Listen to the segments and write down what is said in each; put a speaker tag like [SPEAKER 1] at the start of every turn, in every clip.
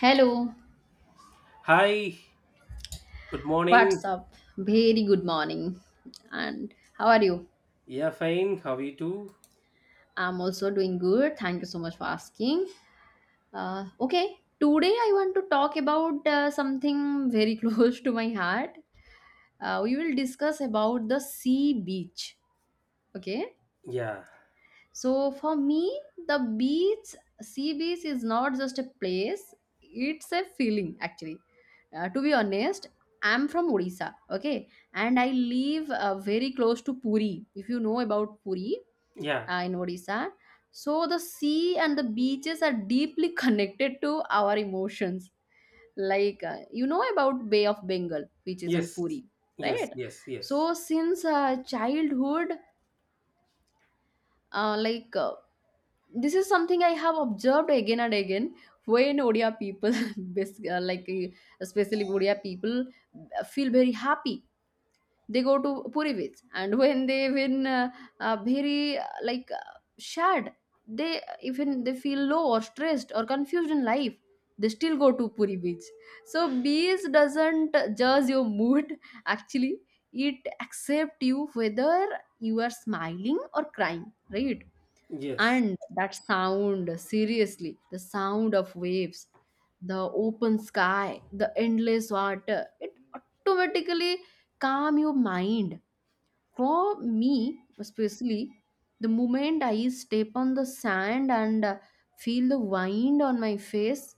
[SPEAKER 1] Hello,
[SPEAKER 2] Hi, good morning.
[SPEAKER 1] what's up? Very good morning. And how are you?
[SPEAKER 2] Yeah, fine. How are you too?
[SPEAKER 1] I'm also doing good. Thank you so much for asking. Okay, today I want to talk about something very close to my heart. We will discuss about the sea beach. Okay,
[SPEAKER 2] Yeah,
[SPEAKER 1] so for me, the beach, sea beach is not just a place, it's a feeling actually. To be honest, I'm from Odisha, okay, and I live very close to Puri. If you know about Puri
[SPEAKER 2] yeah,
[SPEAKER 1] in Odisha, so the sea and the beaches are deeply connected to our emotions. Like you know about Bay of Bengal, which is in
[SPEAKER 2] yes,
[SPEAKER 1] Puri,
[SPEAKER 2] yes,
[SPEAKER 1] right?
[SPEAKER 2] yes, yes,
[SPEAKER 1] So since childhood, uh, like uh, this is something I have observed again and again when Odia people, especially Odia people, feel very happy. They go to Purivits, and when they win, very like sad. They even they feel low or stressed or confused in life. They still go to Puri Beach. So beach doesn't judge your mood. Actually, it accepts you whether you are smiling or crying, right?
[SPEAKER 2] yes,
[SPEAKER 1] And that sound, seriously, the sound of waves, the open sky, the endless water, it automatically calm your mind. For me, especially, the moment I step on the sand and feel the wind on my face,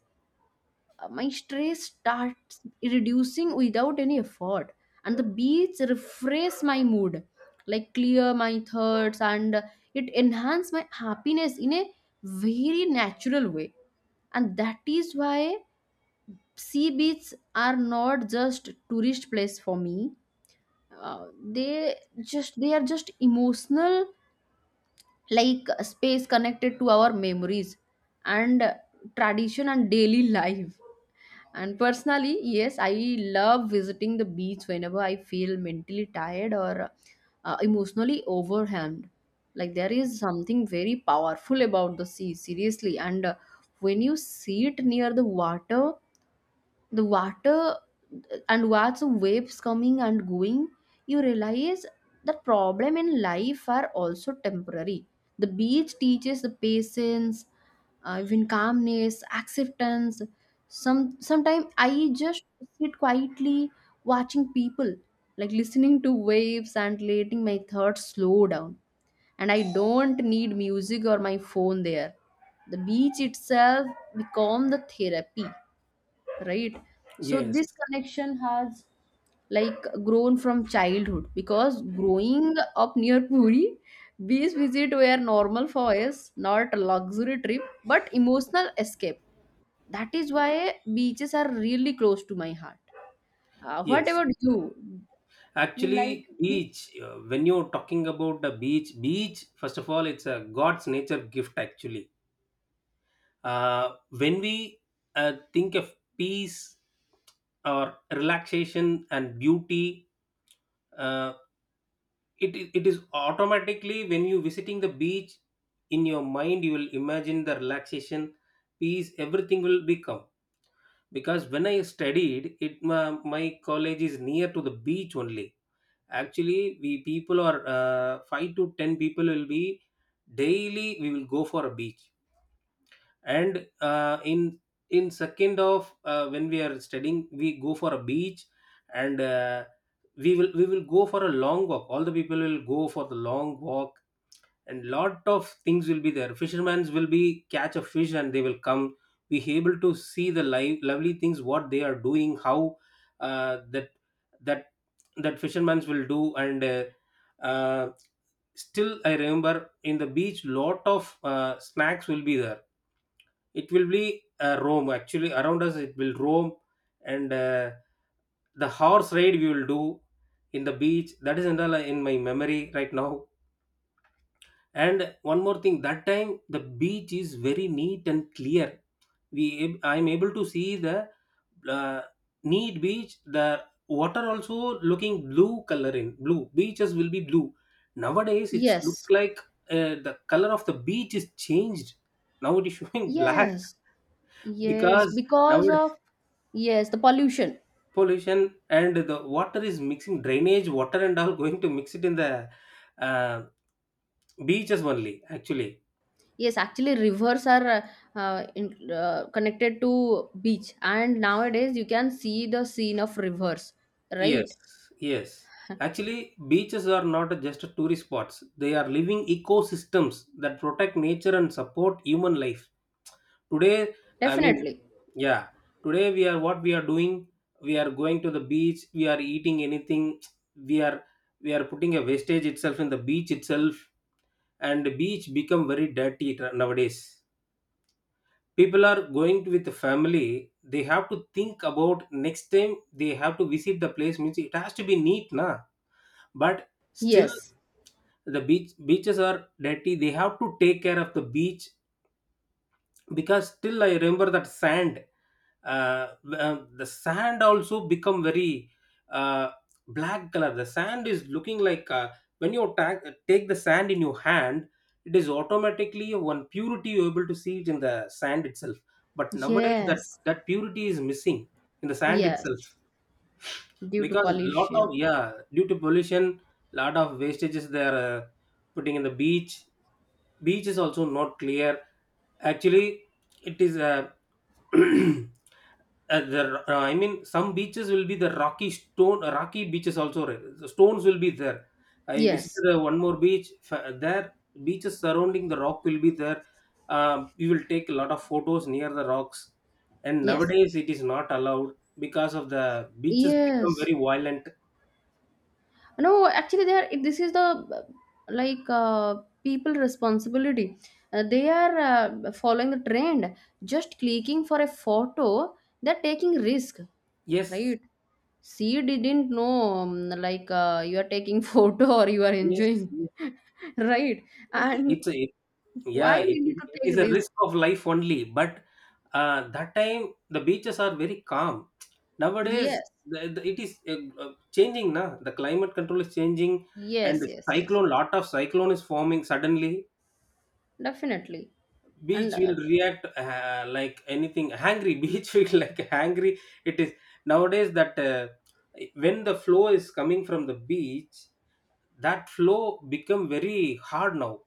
[SPEAKER 1] my stress starts reducing without any effort, and the beats refresh my mood, like clear my thoughts, and it enhance my happiness in a very natural way. And that is why sea beaches are not just tourist place for me. Uh, they just they are just emotional, like a space connected to our memories and tradition and daily life. And personally, yes, I love visiting the beach whenever I feel mentally tired or emotionally overwhelmed. Like there is something very powerful about the sea, seriously. And when you sit near the water, the water, and watch waves coming and going, you realize that problem in life are also temporary. The beach teaches the patience, even calmness, acceptance. Sometimes I just sit quietly, watching people, like listening to waves and letting my thoughts slow down. And I don't need music or my phone there. The beach itself become the therapy, right? So
[SPEAKER 2] yes,
[SPEAKER 1] this connection has like grown from childhood, because growing up near Puri, these visits were normal for us, not a luxury trip but emotional escape. That is why beaches are really close to my heart. What
[SPEAKER 2] yes.
[SPEAKER 1] about you? You like
[SPEAKER 2] Actually,
[SPEAKER 1] beach?
[SPEAKER 2] beach, when you're talking about the beach, first of all, it's a God's nature gift, actually. When we think of peace, or relaxation and beauty, uh, it is automatically when you visiting the beach in your mind you will imagine the relaxation, peace, everything will become because when I studied it my college is near to the beach only. Actually, we people are, 5 to 10 people will be daily, we will go for a beach. And, in second of, when we are studying we go for a beach. And, we will go for a long walk, all the people will go for the long walk, and lot of things will be there, fishermen will be catch a fish and they will come, be able to see the live lovely things what they are doing, how, that that that fishermen will do. And, uh, still I remember in the beach lot of, snacks will be there, it will be, roam actually around us, it will roam. And, the horse ride we will do in the beach, that is in, the, in my memory right now. And one more thing, that time the beach is very neat and clear, we, I'm able to see the, uh, neat beach, the water also looking blue color, in blue beaches will be blue. Nowadays it's look
[SPEAKER 1] Yes,
[SPEAKER 2] like, the color of the beach is changed, now it is showing black
[SPEAKER 1] yes, yes.
[SPEAKER 2] because
[SPEAKER 1] Because
[SPEAKER 2] nowadays
[SPEAKER 1] of, yes, the pollution.
[SPEAKER 2] pollution and the water is mixing, drainage water and all going to mix it in the, uh, beaches only, actually.
[SPEAKER 1] Yes, actually rivers are connected to beach, and nowadays you can see the scene of rivers, right?
[SPEAKER 2] Yes, yes. Actually, beaches are not just tourist spots. They are living ecosystems that protect nature and support human life. Today, I mean,
[SPEAKER 1] Definitely.
[SPEAKER 2] yeah, today we are what we are doing. We are going to the beach. We are eating anything. We are we are putting a wastage itself in the beach itself, and the beach become very dirty nowadays. People are going to with the family. They have to think about next time they have to visit the place. Means it has to be neat, na, but still
[SPEAKER 1] Yes.
[SPEAKER 2] the beaches are dirty, they have to take care of the beach because still I remember that sand, uh, the sand also become very, uh, black color, the sand is looking like, when you take the sand in your hand it is automatically one purity, you're able to see it in the sand itself, but nowadays that
[SPEAKER 1] Yes.
[SPEAKER 2] that purity is missing in the sand itself
[SPEAKER 1] Yes. Due to
[SPEAKER 2] because lot of,
[SPEAKER 1] pollution.
[SPEAKER 2] yeah, due to pollution, lot of wastages they are, putting in the beach, beach is also not clear actually. It is, the, I mean some beaches will be the rocky stone, rocky beaches also, right? The stones will be there. I
[SPEAKER 1] Yes.
[SPEAKER 2] visited, one more beach there beaches surrounding the rock will be there. Um, you will take a lot of photos near the rocks and
[SPEAKER 1] Yes.
[SPEAKER 2] nowadays it is not allowed because of the beaches become
[SPEAKER 1] Yes.
[SPEAKER 2] very violent.
[SPEAKER 1] No, actually they are, this is the like uh, people responsibility. They are following the trend, just clicking for a photo, they're taking risk,
[SPEAKER 2] Yes,
[SPEAKER 1] right? She didn't know, um, you are taking photo or you are
[SPEAKER 2] yes,
[SPEAKER 1] enjoying.
[SPEAKER 2] yes.
[SPEAKER 1] Right? And
[SPEAKER 2] It's a it, yeah,
[SPEAKER 1] why
[SPEAKER 2] it,
[SPEAKER 1] we need to
[SPEAKER 2] it
[SPEAKER 1] take
[SPEAKER 2] is a
[SPEAKER 1] risk?
[SPEAKER 2] risk of life only. But, that time the beaches are very calm. Nowadays,
[SPEAKER 1] Yes,
[SPEAKER 2] it is, changing. Na, the climate control is changing, and
[SPEAKER 1] yes,
[SPEAKER 2] the
[SPEAKER 1] yes. Yes,
[SPEAKER 2] cyclone, lot of cyclone is forming suddenly.
[SPEAKER 1] definitely. And
[SPEAKER 2] Beach will react, like anything. Hangry beach will like hangry. It is nowadays that, when the flow is coming from the beach that flow become very hard now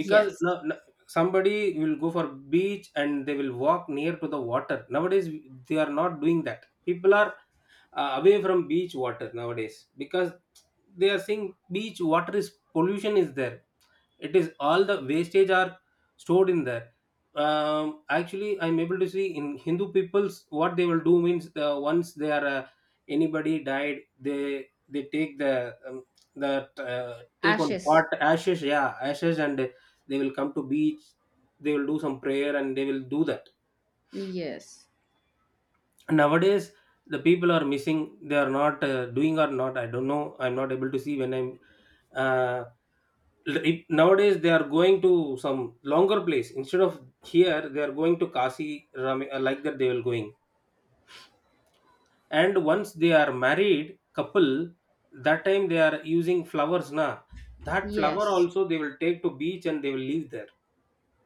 [SPEAKER 2] because
[SPEAKER 1] yes,
[SPEAKER 2] somebody will go for beach and they will walk near to the water. Nowadays they are not doing that, people are, away from beach water nowadays because they are saying beach water is pollution is there, it is all the wastage are stored in there. Um, actually I'm able to see in hindu peoples what they will do means, once they are, anybody died they take the, um, the, uh, take on pot,
[SPEAKER 1] ashes.
[SPEAKER 2] ashes, yeah, ashes, and they will come to beach, they will do some prayer and they will do that.
[SPEAKER 1] Yes.
[SPEAKER 2] Nowadays the people are missing, they are not, doing or not, I don't know, I'm not able to see when i'm, uh, it, nowadays they are going to some longer place instead of here, they are going to kasi like that they will going. And once they are married couple, that time they are using flowers, na, that flower
[SPEAKER 1] Yes.
[SPEAKER 2] also they will take to beach and they will leave there.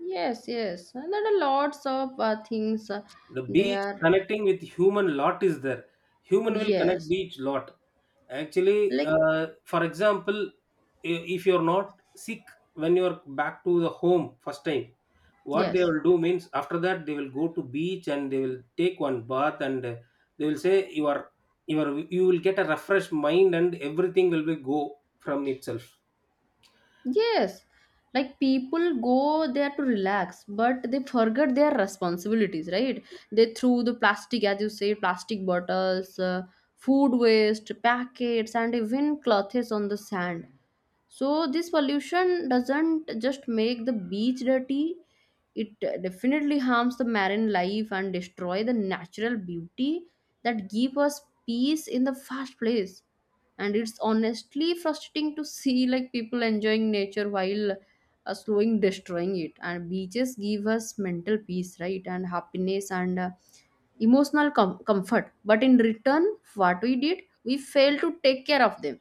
[SPEAKER 1] Yes, yes. And there are lots of things,
[SPEAKER 2] The
[SPEAKER 1] they
[SPEAKER 2] beach
[SPEAKER 1] are,
[SPEAKER 2] connecting with human lot is there, human will connect
[SPEAKER 1] yes,
[SPEAKER 2] beach lot. Actually,
[SPEAKER 1] like,
[SPEAKER 2] for example, if you're not sick, when you're back to the home first time, what they
[SPEAKER 1] yes,
[SPEAKER 2] will do means after that they will go to beach and they will take one bath. And, they will say you are, you are, you will get a refreshed mind and everything will be go from itself.
[SPEAKER 1] yes. Like people go there to relax, but they forget their responsibilities, right? They threw the plastic, as you say, plastic bottles, food waste, packets, and even clothes on the sand. So this pollution doesn't just make the beach dirty, it definitely harms the marine life and destroy the natural beauty that give us peace in the first place. And it's honestly frustrating to see like people enjoying nature while slowing destroying it. And beaches give us mental peace, right, and happiness and emotional comfort. But in return, what we did, we failed to take care of them,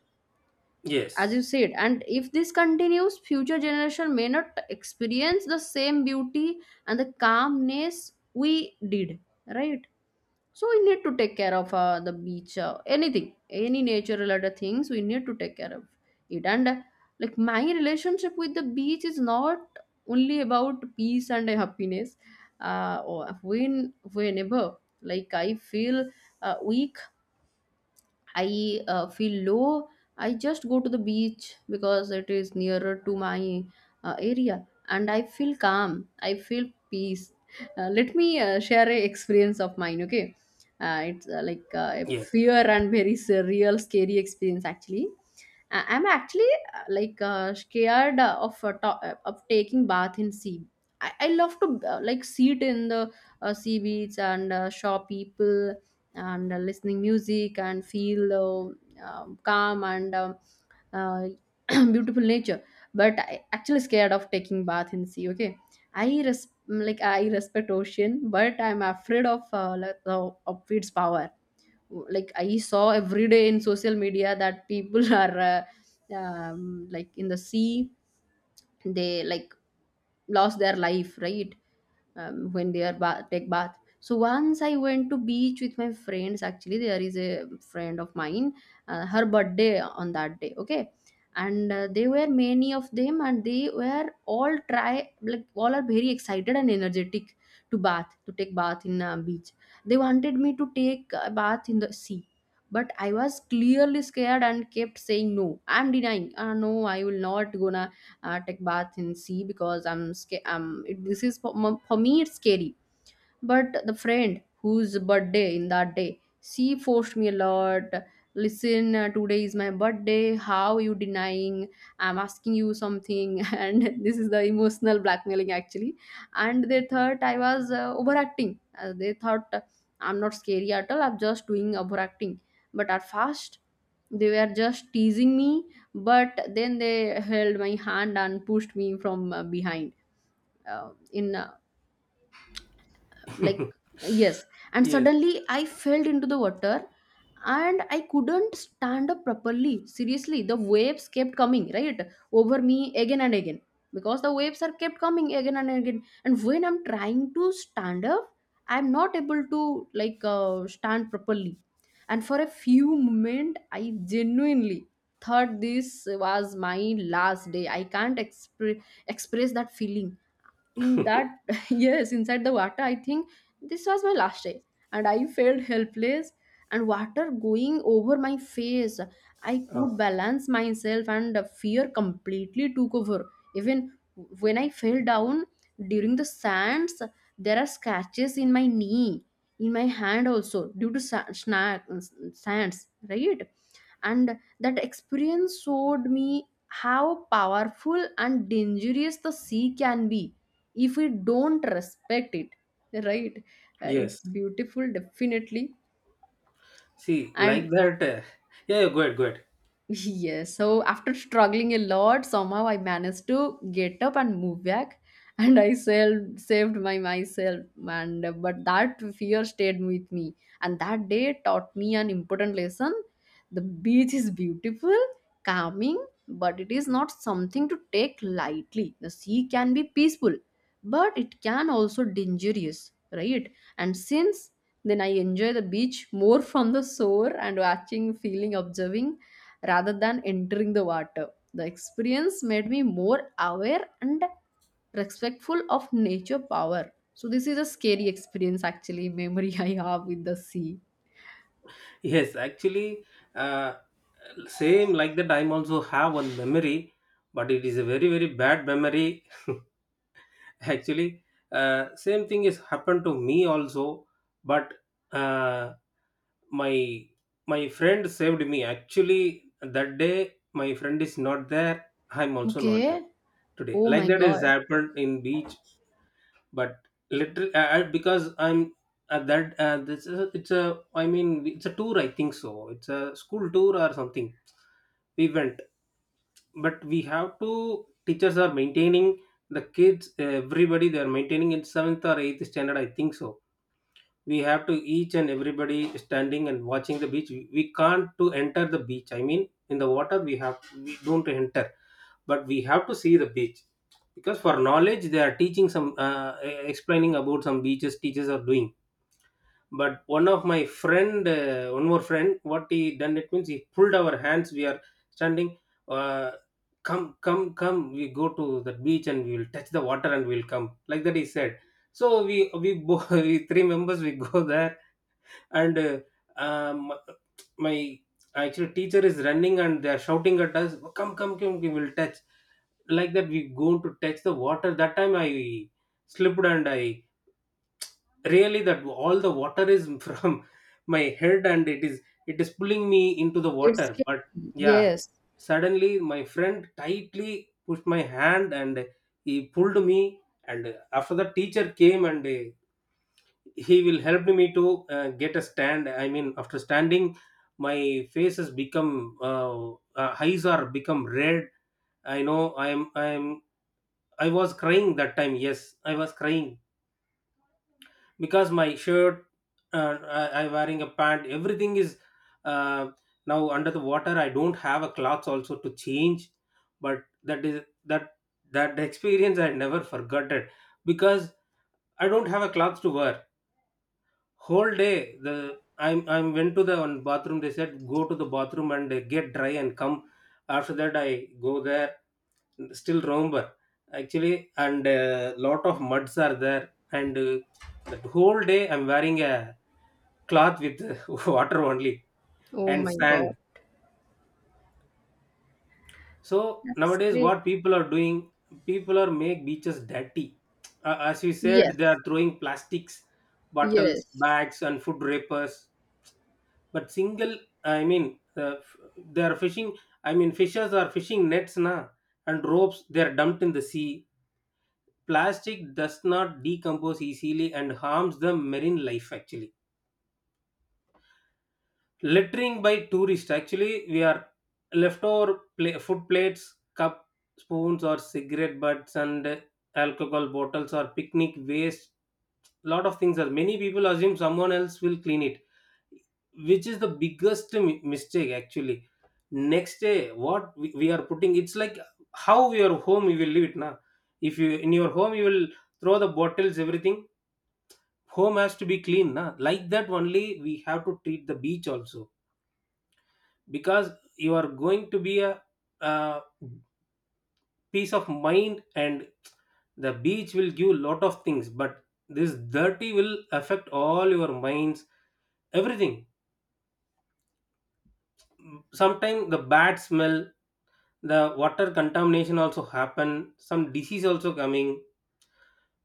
[SPEAKER 1] as you
[SPEAKER 2] Yes.
[SPEAKER 1] said. And if this continues, future generation may not experience the same beauty and the calmness we did, right? So we need to take care of the beach, anything, any nature related things we need to take care of it. And like my relationship with the beach is not only about peace and happiness. Uh, or when whenever like i feel, we I feel low, I just go to the beach because it is nearer to my area, and I feel calm. I feel peace. Let me share a experience of mine, okay? It's like a
[SPEAKER 2] Yes.
[SPEAKER 1] fear and very surreal, scary experience actually. I'm actually scared of taking bath in sea. I love to like sit in the sea beach and show people, and listening music and feel calm and uh, beautiful nature, but I actually scared of taking bath in sea, okay? I respect ocean, but I'm afraid of of its power. Like I saw every day in social media that people are, like in the sea, they like lost their life, right? When they take bath. So once I went to beach with my friends. Actually, there is a friend of mine. Her birthday on that day. Okay, and they were many of them, and they were all try, like all are very excited and energetic to bath, to take bath in beach. They wanted me to take a bath in the sea. But I was clearly scared and kept saying no. I'm denying. Ah, no, I will not gonna take bath in sea because I'm scared. This is for, for me, it's scary. But the friend whose birthday in that day, she forced me a lot. Listen, today is my birthday. How you denying? I'm asking you something, and this is the emotional blackmailing actually. And they thought I was overacting. They thought I'm not scary at all. I'm just doing overacting. But at first, they were just teasing me, but then they held my hand and pushed me from behind. In like, yes, and
[SPEAKER 2] Yes.
[SPEAKER 1] suddenly I fell into the water, and I couldn't stand up properly. Seriously, the waves kept coming right over me again and again, because the waves are kept coming again and again, and when I'm trying to stand up, I'm not able to like stand properly. And for a few moment I genuinely thought this was my last day. I can't express that feeling in that. Yes, inside the water I think this was my last day. And I felt helpless, and water going over my face, I
[SPEAKER 2] Uh,
[SPEAKER 1] could balance myself, and the fear completely took over. Even when I fell down during the sands, there are scratches in my knee, in my hand also, due to sands, right? And that experience showed me how powerful and dangerous the sea can be if we don't respect it, right? Uh,
[SPEAKER 2] yes.
[SPEAKER 1] it's beautiful, definitely.
[SPEAKER 2] See, like
[SPEAKER 1] And
[SPEAKER 2] that. Yeah, yeah, go ahead, go ahead.
[SPEAKER 1] yes, so after struggling a lot, somehow I managed to get up and move back, and I saved my myself. And but that fear stayed with me, and that day taught me an important lesson. The beach is beautiful, calming, but it is not something to take lightly. The sea can be peaceful, but it can also dangerous, right? And since then, I enjoy the beach more from the shore, and watching, feeling, observing rather than entering the water. The experience made me more aware and respectful of nature power. So this is a scary experience, actually memory I have with the sea.
[SPEAKER 2] Yes, actually, uh, same like that. I also have one memory, but it is a very very bad memory. Actually, same thing has happened to me also, but, uh, my my friend saved me. Actually, that day my friend is not there. I'm also not there
[SPEAKER 1] Okay.
[SPEAKER 2] today.
[SPEAKER 1] Oh
[SPEAKER 2] Like
[SPEAKER 1] my
[SPEAKER 2] that has
[SPEAKER 1] god.
[SPEAKER 2] happened in beach, but literally, because I'm at that, this is, it's a, I mean it's a tour. I think so. It's a school tour or something, we went. But we have to, teachers are maintaining the kids, everybody they are maintaining, in seventh or eighth standard I think so, we have to each and everybody standing and watching the beach, we can't to enter the beach, I mean in the water, we have, we don't enter, but we have to see the beach because for knowledge they are teaching some, explaining about some beaches, teachers are doing. But one of my friend, one more friend, what he done it means he pulled our hands, we are standing, uh, come come come, we go to the beach and we will touch the water and we'll come, like that he said. So we, we three members we go there. And, um, my, actually teacher is running and they are shouting at us, come come come, we will touch, like that we go to touch the water. That time I slipped and I really that all the water is from my head, and it is pulling me into the
[SPEAKER 1] It's
[SPEAKER 2] water.
[SPEAKER 1] scary.
[SPEAKER 2] But yeah,
[SPEAKER 1] Yes.
[SPEAKER 2] suddenly my friend tightly pushed my hand and he pulled me. And after that teacher came, and, he will help me to, get a stand, I mean after standing my face has become, eyes are become red. I know i am, I was crying that time, yes I was crying because my shirt, I wearing a pant, everything is, uh, now under the water, I don't have a cloth also to change. But that is that experience I never forgot it because I don't have a cloth to wear whole day. The I'm went to the one bathroom, they said go to the bathroom and, get dry and come. After that I go there, still remember actually, and a lot of muds are there. And, that whole day I'm wearing a cloth with water only
[SPEAKER 1] Oh
[SPEAKER 2] and
[SPEAKER 1] my
[SPEAKER 2] sand.
[SPEAKER 1] god.
[SPEAKER 2] So
[SPEAKER 1] That's
[SPEAKER 2] nowadays,
[SPEAKER 1] great.
[SPEAKER 2] what people are doing, people are make beaches dirty. As you said, they are
[SPEAKER 1] Yes.
[SPEAKER 2] throwing plastics, bottles,
[SPEAKER 1] Yes.
[SPEAKER 2] bags, and food wrappers. But single, I mean, they are fishing. I mean, fishers are fishing nets, na, and ropes. They are dumped in the sea. Plastic does not decompose easily and harms the marine life, actually. Littering by tourists. Actually, we are leftover food plates, cup, spoons, or cigarette butts, and alcohol bottles or picnic waste. Lot of things are. Many people assume someone else will clean it, which is the biggest mistake, actually. Next day, what we are putting, it's like how your home you will leave it now. If you in your home you will throw the bottles everything. Home has to be clean, na. Like that only we have to treat the beach also because you are going to be a, uh peace of mind. And the beach will give lot of things, but this dirty will affect all your minds, everything. Sometimes the bad smell, the water contamination also happen, some disease also coming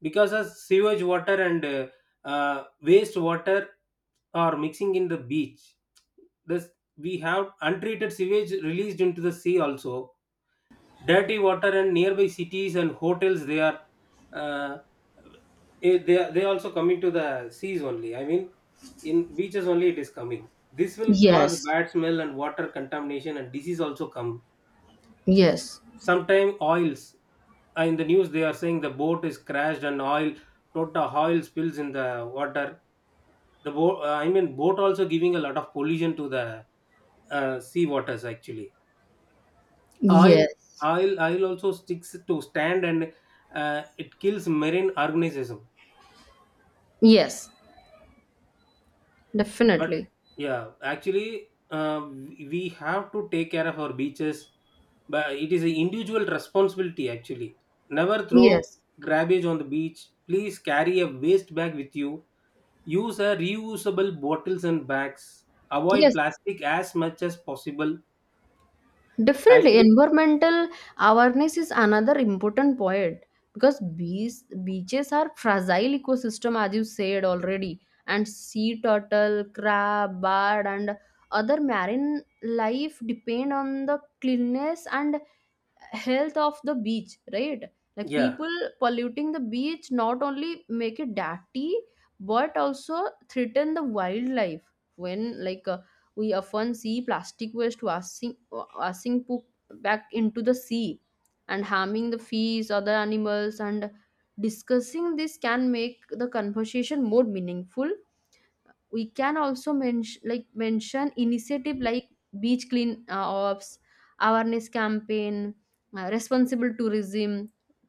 [SPEAKER 2] because of sewage water and waste water are mixing in the beach. This we have untreated sewage released into the sea also, dirty water, and nearby cities and hotels, they are uh, they are also coming to the seas only. I mean, in beaches only it is coming. This will cause
[SPEAKER 1] Yes.
[SPEAKER 2] bad smell and water contamination and disease also come.
[SPEAKER 1] Yes.
[SPEAKER 2] Sometimes oils, in the news they are saying the boat is crashed and oil, total oil spills in the water. The boat, I mean, boat also giving a lot of pollution to the sea waters actually. Oil,
[SPEAKER 1] Yes.
[SPEAKER 2] oil, oil also sticks to stand and it kills marine organism.
[SPEAKER 1] Yes.
[SPEAKER 2] But
[SPEAKER 1] Definitely.
[SPEAKER 2] yeah, actually, we have to take care of our beaches. But it is an individual responsibility. Actually, never throw
[SPEAKER 1] Yes.
[SPEAKER 2] garbage on the beach. Please carry a waste bag with you. Use a reusable bottles and bags. Avoid
[SPEAKER 1] Yes.
[SPEAKER 2] plastic as much as possible.
[SPEAKER 1] Definitely,
[SPEAKER 2] Actually,
[SPEAKER 1] environmental awareness is another important point because bees, beaches are fragile ecosystem, as you said already, and sea turtle, crab, bird, and other marine life depend on the cleanness and health of the beach, right? Like
[SPEAKER 2] yeah.
[SPEAKER 1] people polluting the beach not only make it dirty but also threaten the wildlife when like we often see plastic waste washing poop back into the sea and harming the fish, other animals. And discussing this can make the conversation more meaningful. We can also mention initiative like beach clean ops, awareness campaign, responsible tourism.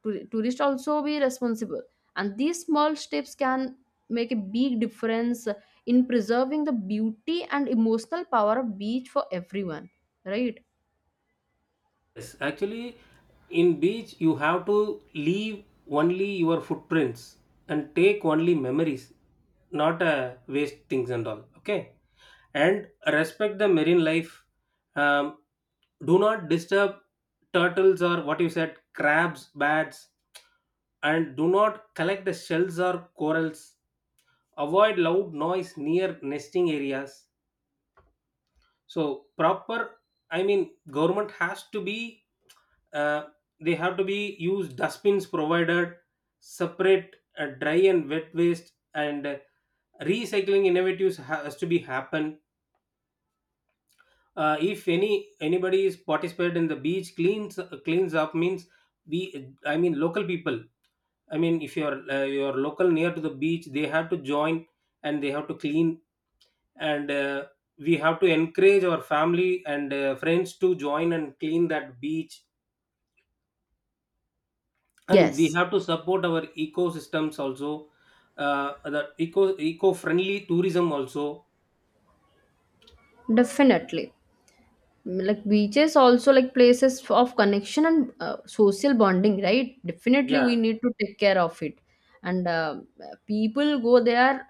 [SPEAKER 1] Tourist also be responsible, and these small steps can make a big difference in preserving the beauty and emotional power of beach for everyone, right?
[SPEAKER 2] Yes, actually, in beach you have to leave only your footprints and take only memories, not waste things and all. Okay, and respect the marine life. Um, do not disturb turtles or what you said, crabs, bats, and do not collect the shells or corals. Avoid loud noise near nesting areas. So proper, I mean, government has to be uh, they have to be used dustbins provided, separate dry and wet waste, and recycling innovatives has to be happen. Uh, if any anybody is participated in the beach cleans cleans up means, we I mean local people, I mean, if you're you're local near to the beach, they have to join and they have to clean. And we have to encourage our family and friends to join and clean that beach, and we
[SPEAKER 1] Yes,
[SPEAKER 2] have to support our ecosystems also. uh, the eco-friendly tourism also.
[SPEAKER 1] definitely, like beaches also like places of connection and social bonding, right? Definitely
[SPEAKER 2] Yeah.
[SPEAKER 1] we need to take care of it. And people go there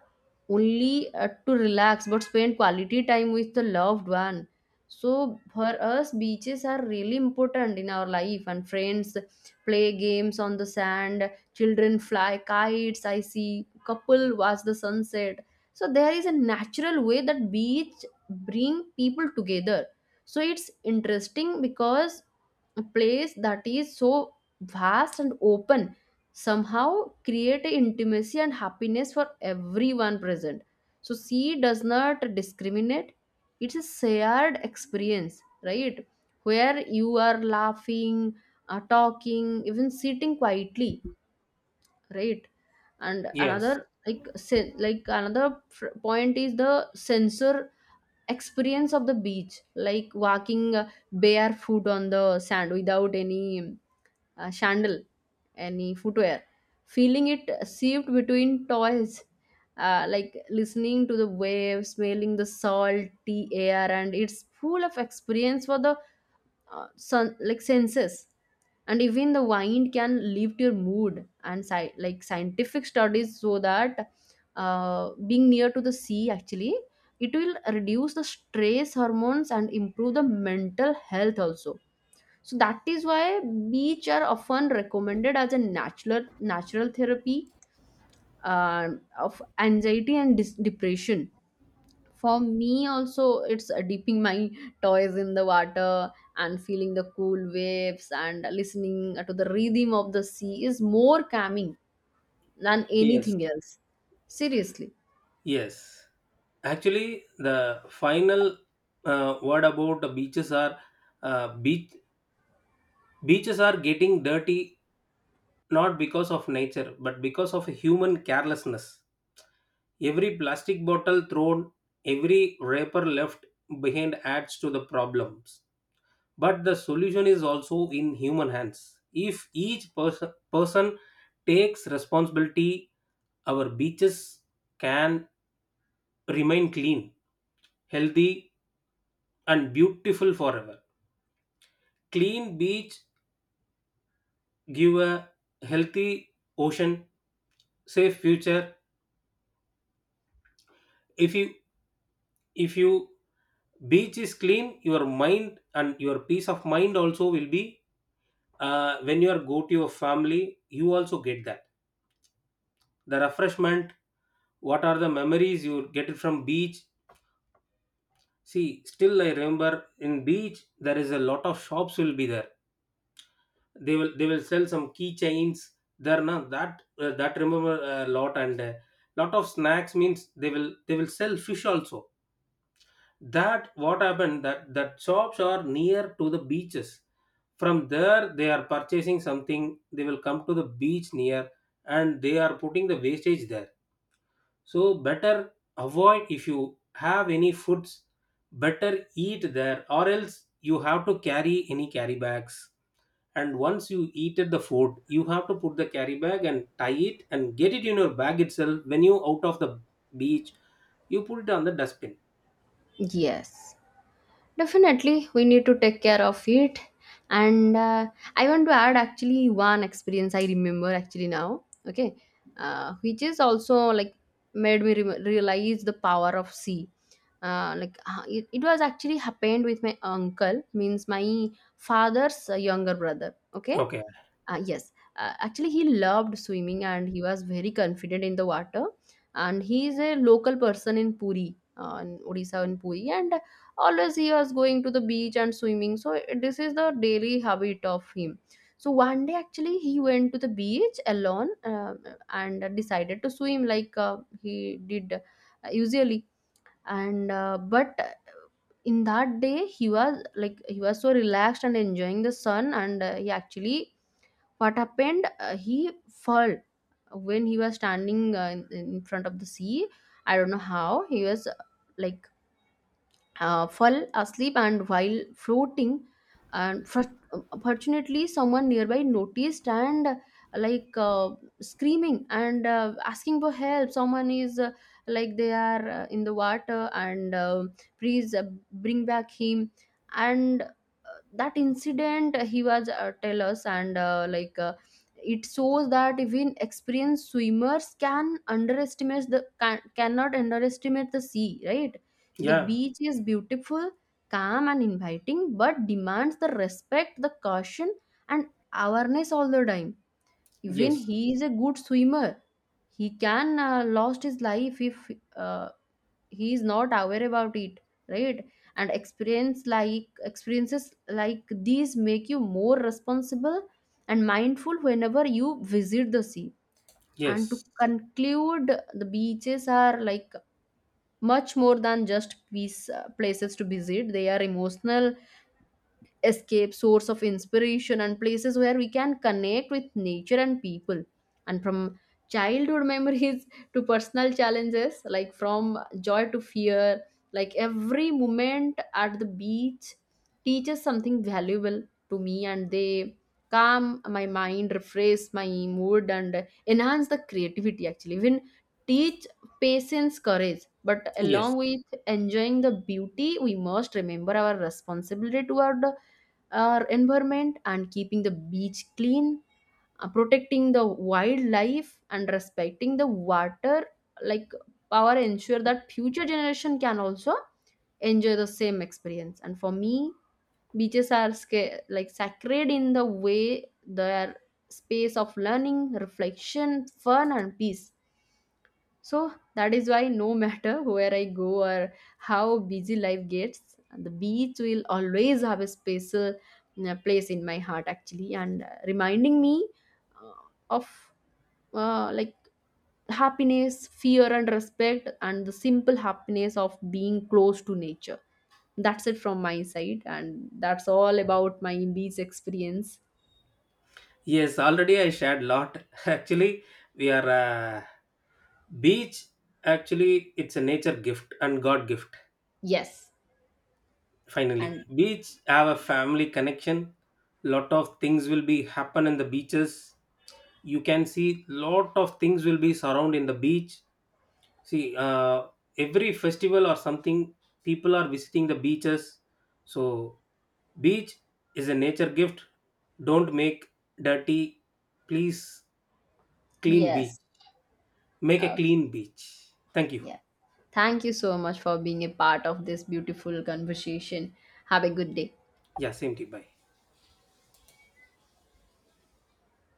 [SPEAKER 1] only to relax but spend quality time with the loved one. So for us beaches are really important in our life, and friends play games on the sand, children fly kites, I see couple watch the sunset. So there is a natural way that beach bring people together. So it's interesting because a place that is so vast and open somehow create a intimacy and happiness for everyone present. So sea does not discriminate. It's a shared experience, right? Where you are laughing, talking, even sitting quietly, right? And
[SPEAKER 2] Yes,
[SPEAKER 1] another like point is the sensor experience of the beach, like walking barefoot on the sand without any sandal, any footwear, feeling it sift between toys, like listening to the waves, smelling the salty air, and it's full of experience for the sun, like senses. And even the wind can lift your mood. And like scientific studies show that being near to the sea actually it will reduce the stress hormones and improve the mental health also. So that is why beach are often recommended as a natural therapy, uh, of anxiety and depression. For me, also, it's dipping my toys in the water and feeling the cool waves and listening to the rhythm of the sea is more calming than
[SPEAKER 2] yes,
[SPEAKER 1] anything else. Seriously.
[SPEAKER 2] yes, actually, the final word about the beaches are, uh, beach beaches are getting dirty not because of nature but because of human carelessness. Every plastic bottle thrown, every wrapper left behind adds to the problems. But the solution is also in human hands. If each person takes responsibility, our beaches can remain clean, healthy, and beautiful forever. Clean beach give a healthy ocean, safe future. if you if you beach is clean, your mind and your peace of mind also will be, when you are go to your family, you also get that, the refreshment. What are the memories you get it from beach? See, still I remember in beach there is a lot of shops will be there. They will sell some keychains there. Now that, that remember a lot. And lot of snacks means, they will sell fish also. That what happened, that shops are near to the beaches. From there they are purchasing something, they will come to the beach near, and they are putting the wastage there. So better avoid, if you have any foods, better eat there, or else you have to carry any carry bags. And once you eat at the food, you have to put the carry bag and tie it and get it in your bag itself. When you out of the beach, you put it on the dustbin.
[SPEAKER 1] Yes. Definitely, we need to take care of it. And I want to add actually one experience I remember actually now, okay, which is also like made me realize the power of sea. It was actually happened with my uncle, means my father's younger brother, okay.
[SPEAKER 2] Okay.
[SPEAKER 1] Yes, Actually, he loved swimming and he was very confident in the water. And he is a local person in Puri, in Odisha, in Puri, and always he was going to the beach and swimming. So this is the daily habit of him. So one day, actually, he went to the beach alone and decided to swim like he did usually. And but in that day, he was so relaxed and enjoying the sun, and he actually, what happened, he fell when he was standing in front of the sea. I don't know how he was like fell asleep and while floating. And fortunately someone nearby noticed and, like uh, screaming and asking for help, someone is, they are, in the water, and please bring back him. And That incident he was tell us, and it shows that even experienced swimmers can underestimate the can, cannot underestimate the sea, right? The
[SPEAKER 2] Yeah.
[SPEAKER 1] beach is beautiful, calm, and inviting, but demands the respect, the caution, and awareness all the time. Even
[SPEAKER 2] Yes,
[SPEAKER 1] he is a good swimmer, he can lost his life if uh, he is not aware about it, right? And experiences like these make you more responsible and mindful whenever you visit the sea. And to
[SPEAKER 2] yes,
[SPEAKER 1] conclude, the beaches are like much more than just piece, places to visit. They are emotional escape, source of inspiration, and places where we can connect with nature and people. And from childhood memories to personal challenges, like from joy to fear, like every moment at the beach teaches something valuable to me, and they calm my mind, refresh my mood, and enhance the creativity actually. Even teach patience, courage. But
[SPEAKER 2] yes.
[SPEAKER 1] along with enjoying the beauty, we must remember our responsibility toward our environment, and keeping the beach clean, protecting the wildlife, and respecting the water, like power, ensure that future generation can also enjoy the same experience. And for me, beaches are like sacred in the way they are space of learning, reflection, fun, and peace. So that is why no matter where I go or how busy life gets, the beach will always have a special place in my heart actually, and reminding me uh, of uh, like happiness, fear and respect, and the simple happiness of being close to nature. That's it from my side, and that's all about my beach experience.
[SPEAKER 2] Yes, already I shared lot actually. We are beach, actually it's a nature gift and god gift.
[SPEAKER 1] Yes.
[SPEAKER 2] Finally
[SPEAKER 1] And
[SPEAKER 2] beach have a family connection. Lot of things will be happen in the beaches. You can see lot of things will be surround in the beach. See, every festival or something, people are visiting the beaches. So beach is a nature gift. Don't make dirty, please. Clean beach.
[SPEAKER 1] yes.
[SPEAKER 2] Make a
[SPEAKER 1] Okay.
[SPEAKER 2] clean beach. Thank you.
[SPEAKER 1] Yeah. Thank you so much for being a part of this beautiful conversation. Have a good day.
[SPEAKER 2] Yeah, same to you, bye.